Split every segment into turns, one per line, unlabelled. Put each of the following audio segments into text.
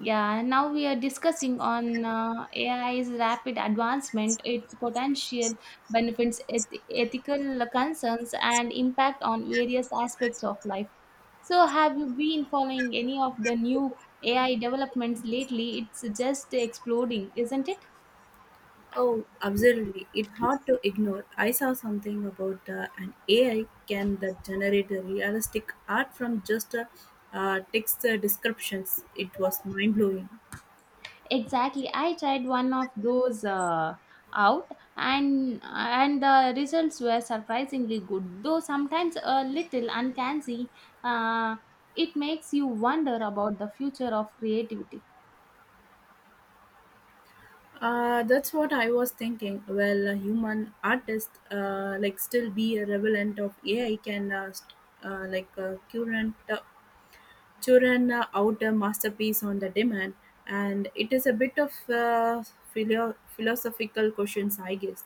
Yeah, now we are discussing on AI's rapid advancement, its potential benefits, ethical concerns, and impact on various aspects of life. So, have you been following any of the new AI developments lately? It's just exploding, isn't it?
Oh, absolutely. It's hard to ignore. I saw something about an AI can that generate a realistic art from just text descriptions. It was mind blowing.
Exactly. I tried one of those out and the results were surprisingly good, though sometimes a little uncanny. Uh, it makes you wonder about the future of creativity.
That's what I was thinking. Well, a human artist like still be a relevant of AI can current children out a masterpiece on the demand, and it is a bit of philosophical questions, I guess.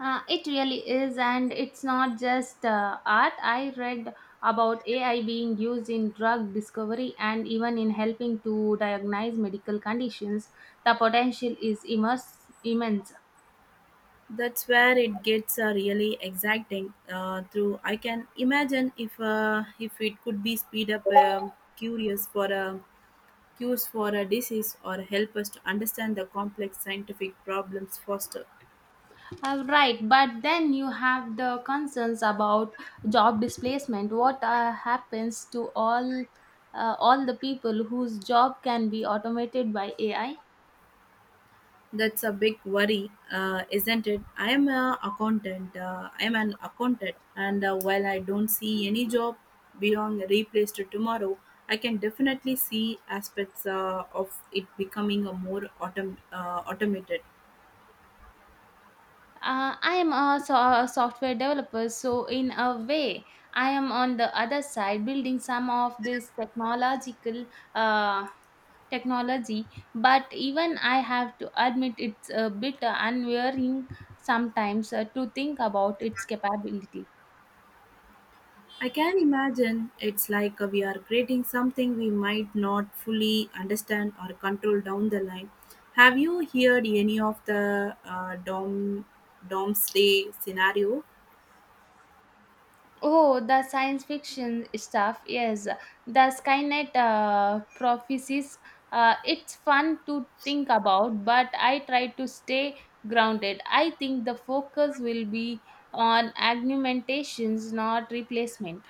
It really is, and it's not just art. I read about AI being used in drug discovery and even in helping to diagnose medical conditions. The potential is immense.
That's where it gets really exciting. Through I can imagine if it could be speed up curious for a cures for a disease or help us to understand the complex scientific problems faster.
Right, but then you have the concerns about job displacement. What happens to all all the people whose job can be automated by AI?
That's a big worry, isn't it? I am a accountant. I am an accountant, and while I don't see any job being replaced tomorrow, I can definitely see aspects of it becoming a more automated.
I am a software developer, so in a way, I am on the other side building some of this technological uh, technology. But even I have to admit it's a bit unwearing sometimes to think about its capability.
I can imagine it's like we are creating something we might not fully understand or control down the line. Have you heard any of the doomsday scenario?
Oh, the science fiction stuff, yes. The Skynet prophecies, it's fun to think about, but I try to stay grounded. I think the focus will be on augmentations, not replacement.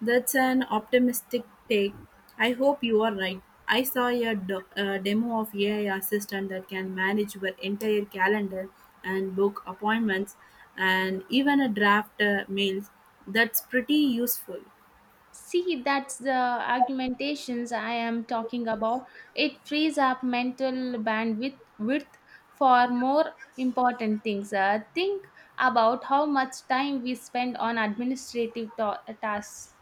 That's an optimistic take. I hope you are right. I saw a demo of AI assistant that can manage your entire calendar and book appointments and even a draft mails. That's pretty useful.
See, that's the argumentations I am talking about. It frees up mental bandwidth width for more important things. Think about how much time we spend on administrative tasks.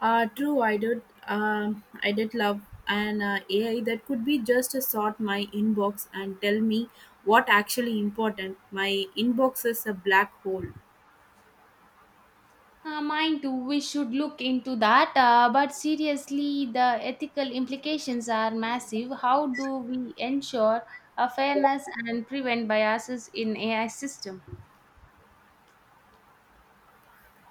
True, I did. I did love an AI that could be just to sort my inbox and tell me what actually important. My inbox is a black hole.
Mine too, we should look into that. But seriously, the ethical implications are massive. How do we ensure a fairness and prevent biases in AI system?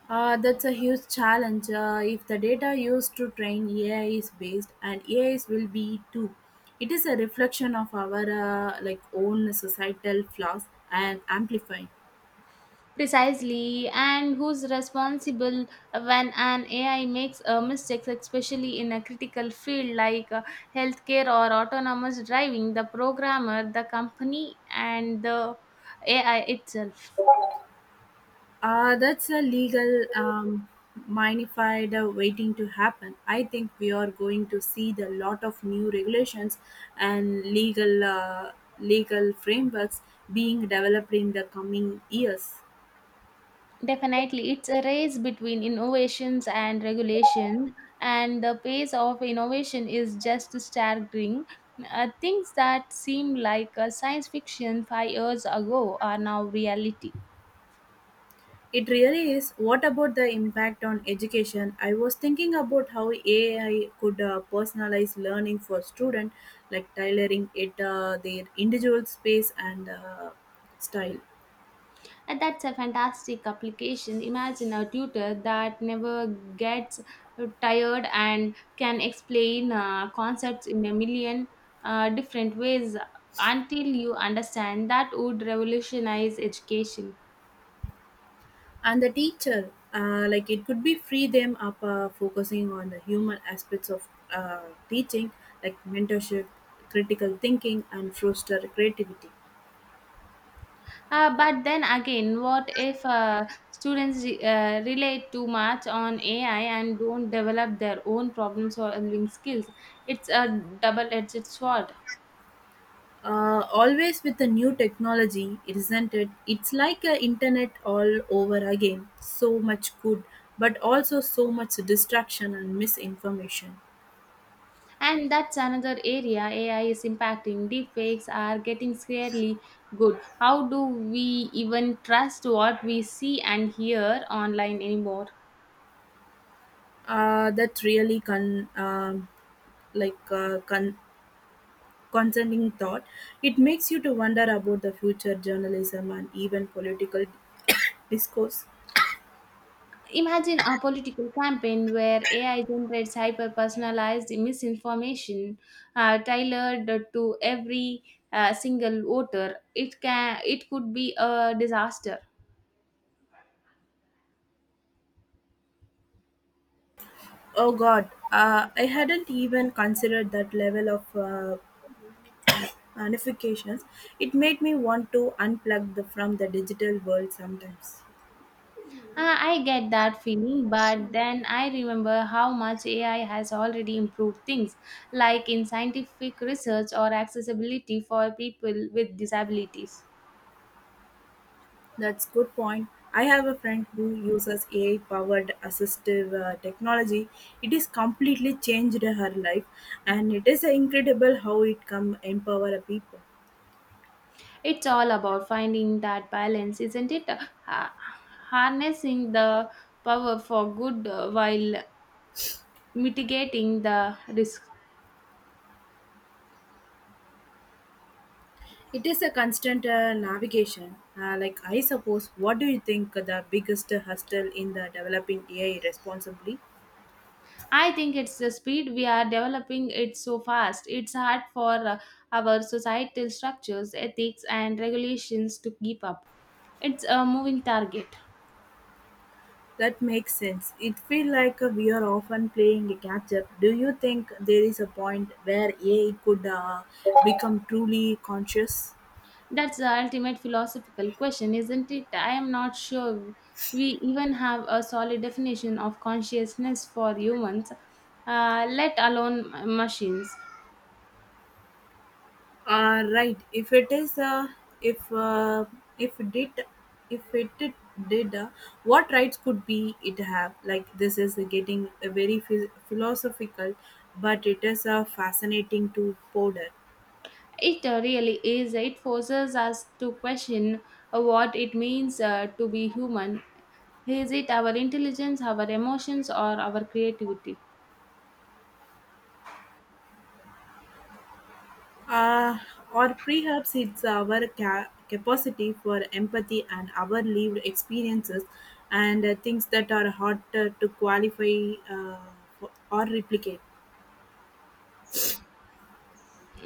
That's a huge challenge. If the data used to train AI is based, and AIs will be too, it is a reflection of our like own societal flaws and amplifying.
Precisely, and who's responsible when an AI makes a mistake, especially in a critical field like healthcare or autonomous driving? The programmer, the company, and the AI itself.
That's a legal minified waiting to happen. I think we are going to see the lot of new regulations and legal frameworks being developed in the coming years.
Definitely, it's a race between innovations and regulation, and the pace of innovation is just staggering. Things that seemed like science fiction 5 years ago are now reality.
It really is. What about the impact on education? I was thinking about how AI could personalize learning for students, like tailoring it their individual space and style.
And that's a fantastic application. Imagine a tutor that never gets tired and can explain concepts in a million different ways until you understand. That would revolutionize education.
And the teacher like it could be free them up focusing on the human aspects of uh, teaching like mentorship critical thinking and foster creativity.
But then again, what if students relate too much on AI and don't develop their own problem solving skills? It's a double edged sword.
Always with the new technology isn't it, it's like a internet all over again, so much good but also so much distraction and misinformation.
And that's another area AI is impacting. Deepfakes are getting scarily good. How do we even trust what we see and hear online anymore?
That really can like uh, con- concerning thought, it makes you to wonder about the future journalism and even political discourse.
Imagine a political campaign where AI generates hyper personalized misinformation tailored to every single voter. It could be a disaster.
Oh God, I hadn't even considered that level of ramifications. It made me want to unplug the, from the digital world sometimes.
I get that feeling, but then I remember how much AI has already improved things, like in scientific research or accessibility for people with disabilities.
That's good point. I have a friend who uses AI-powered assistive technology. It is completely changed her life, and it is incredible how it can empower a people.
It's all about finding that balance, isn't it? Ha- Harnessing the power for good while mitigating the risk.
It is a constant navigation. Like I suppose, what do you think the biggest hustle in the developing AI responsibly?
I think it's the speed we are developing it so fast. It's hard for our societal structures, ethics, and regulations to keep up. It's a moving target.
That makes sense. It feels like we are often playing a catch up. Do you think there is a point where AI could become truly conscious?
That's the ultimate philosophical question, isn't it? I am not sure we even have a solid definition of consciousness for humans, let alone machines.
Right. If it is, if uh, if did, if it did, What rights could be it have? Like this is getting a very philosophical, but it is fascinating to ponder.
It really is. It forces us to question what it means to be human. Is it our intelligence, our emotions, or our creativity?
Uh, or perhaps it's our capacity for empathy and our lived experiences and things that are hard to qualify or replicate.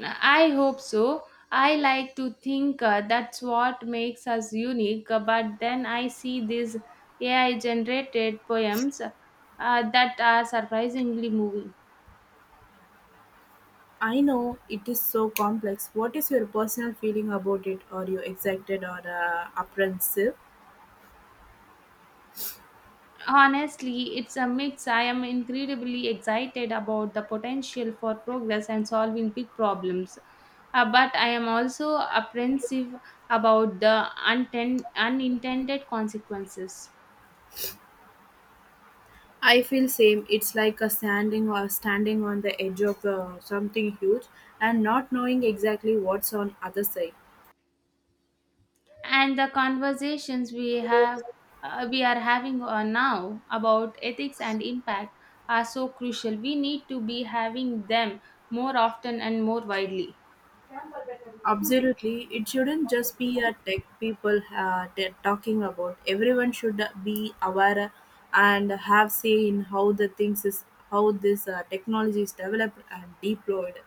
I hope so. I like to think that's what makes us unique, but then I see these AI generated poems that are surprisingly moving.
I know it is so complex. What is your personal feeling about it? Are you excited or apprehensive?
Honestly, it's a mix. I am incredibly excited about the potential for progress and solving big problems. But I am also apprehensive about the unintended consequences.
I feel same. It's like a standing or standing on the edge of something huge and not knowing exactly what's on other side.
And the conversations we are having now about ethics and impact are so crucial. We need to be having them more often and more widely.
Absolutely, it shouldn't just be a tech people they're talking about. Everyone should be aware and have say in how this technology is developed and deployed.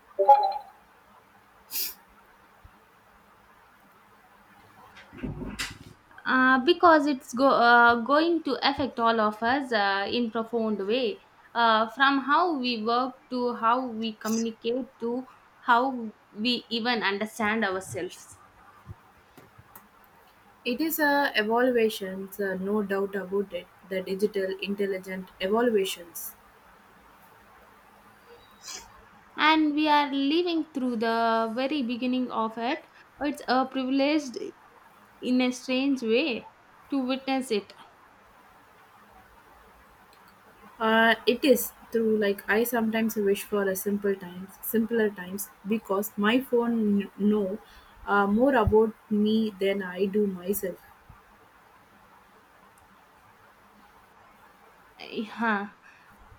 Because it's going to affect all of us in profound way from how we work to how we communicate to how we even understand ourselves.
It is a evaluations, no doubt about it. The digital intelligent evaluations.
And we are living through the very beginning of it. It's a privileged in a strange way to witness it.
It is through like I sometimes wish for simpler times because my phone know more about me than I do myself.
Yeah,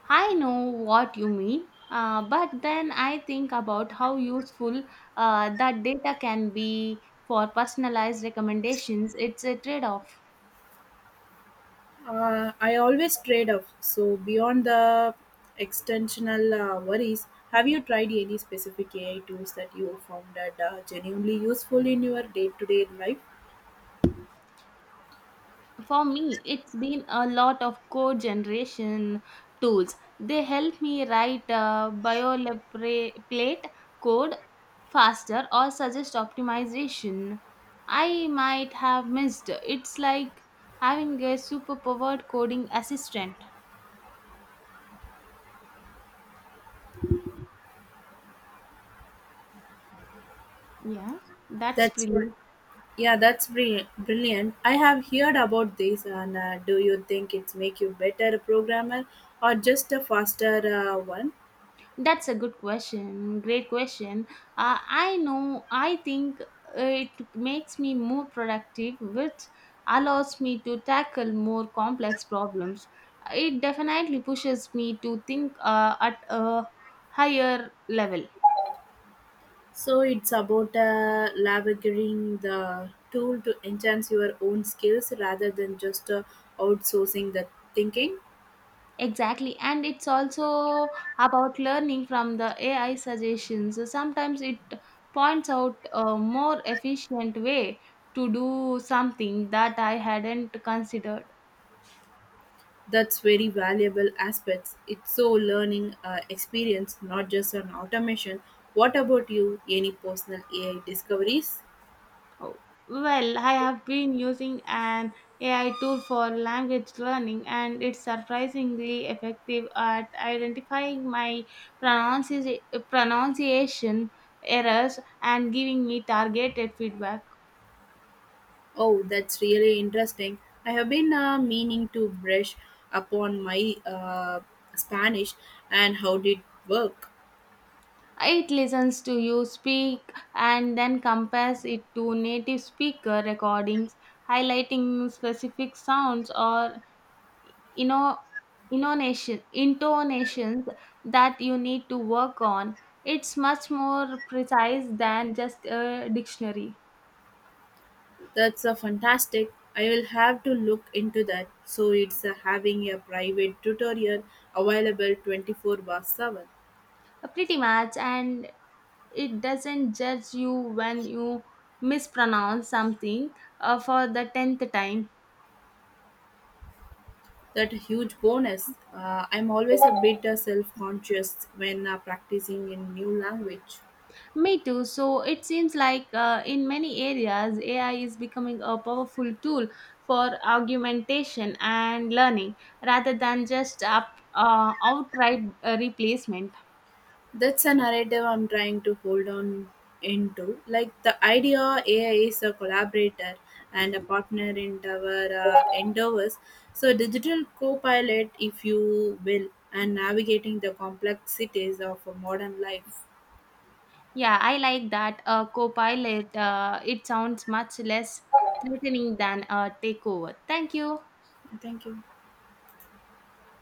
I know what you mean, but then I think about how useful that data can be for personalized recommendations. It's a trade off.
I always trade off. So beyond the extensional worries, have you tried any specific AI tools that you found that genuinely useful in your day-to-day life?
For me, it's been a lot of code generation tools. They help me write boilerplate code faster or suggest optimization I might have missed. It's like having a superpowered coding assistant. Yeah, that's
That's br-
brilliant.
yeah, that's brilliant. I have heard about this, and do you think it's make you better programmer or just a faster one?
That's a good question. Great question. I think it makes me more productive, which allows me to tackle more complex problems. It definitely pushes me to think at a higher level.
So it's about leveraging the tool to enhance your own skills rather than just outsourcing the thinking.
Exactly, and it's also about learning from the AI suggestions. Sometimes it points out a more efficient way to do something that I hadn't considered.
That's very valuable aspects. It's so learning experience, not just an automation. What about you? Any personal AI discoveries?
Oh, well, I have been using an AI tool for language learning, and it's surprisingly effective at identifying my pronunci- pronunciation errors and giving me targeted feedback.
Oh, that's really interesting. I have been meaning to brush upon my Spanish and how did work.
It listens to you speak and then compares it to native speaker recordings, highlighting specific sounds or inno- intonations that you need to work on. It's much more precise than just a dictionary.
That's fantastic. I will have to look into that. So it's having a private tutorial available 24/7.
Pretty much, and it doesn't judge you when you mispronounce something for the tenth time.
That huge bonus. I'm always a bit self-conscious when practicing in new language.
Me too. So it seems like in many areas, AI is becoming a powerful tool for augmentation and learning rather than just outright replacement.
That's a narrative I'm trying to hold on into. Like the idea AI is a collaborator and a partner in our endeavors. So, digital co pilot, if you will, and navigating the complexities of a modern life.
Yeah, I like that Copilot. It sounds much less threatening than a takeover. Thank you.
Thank you.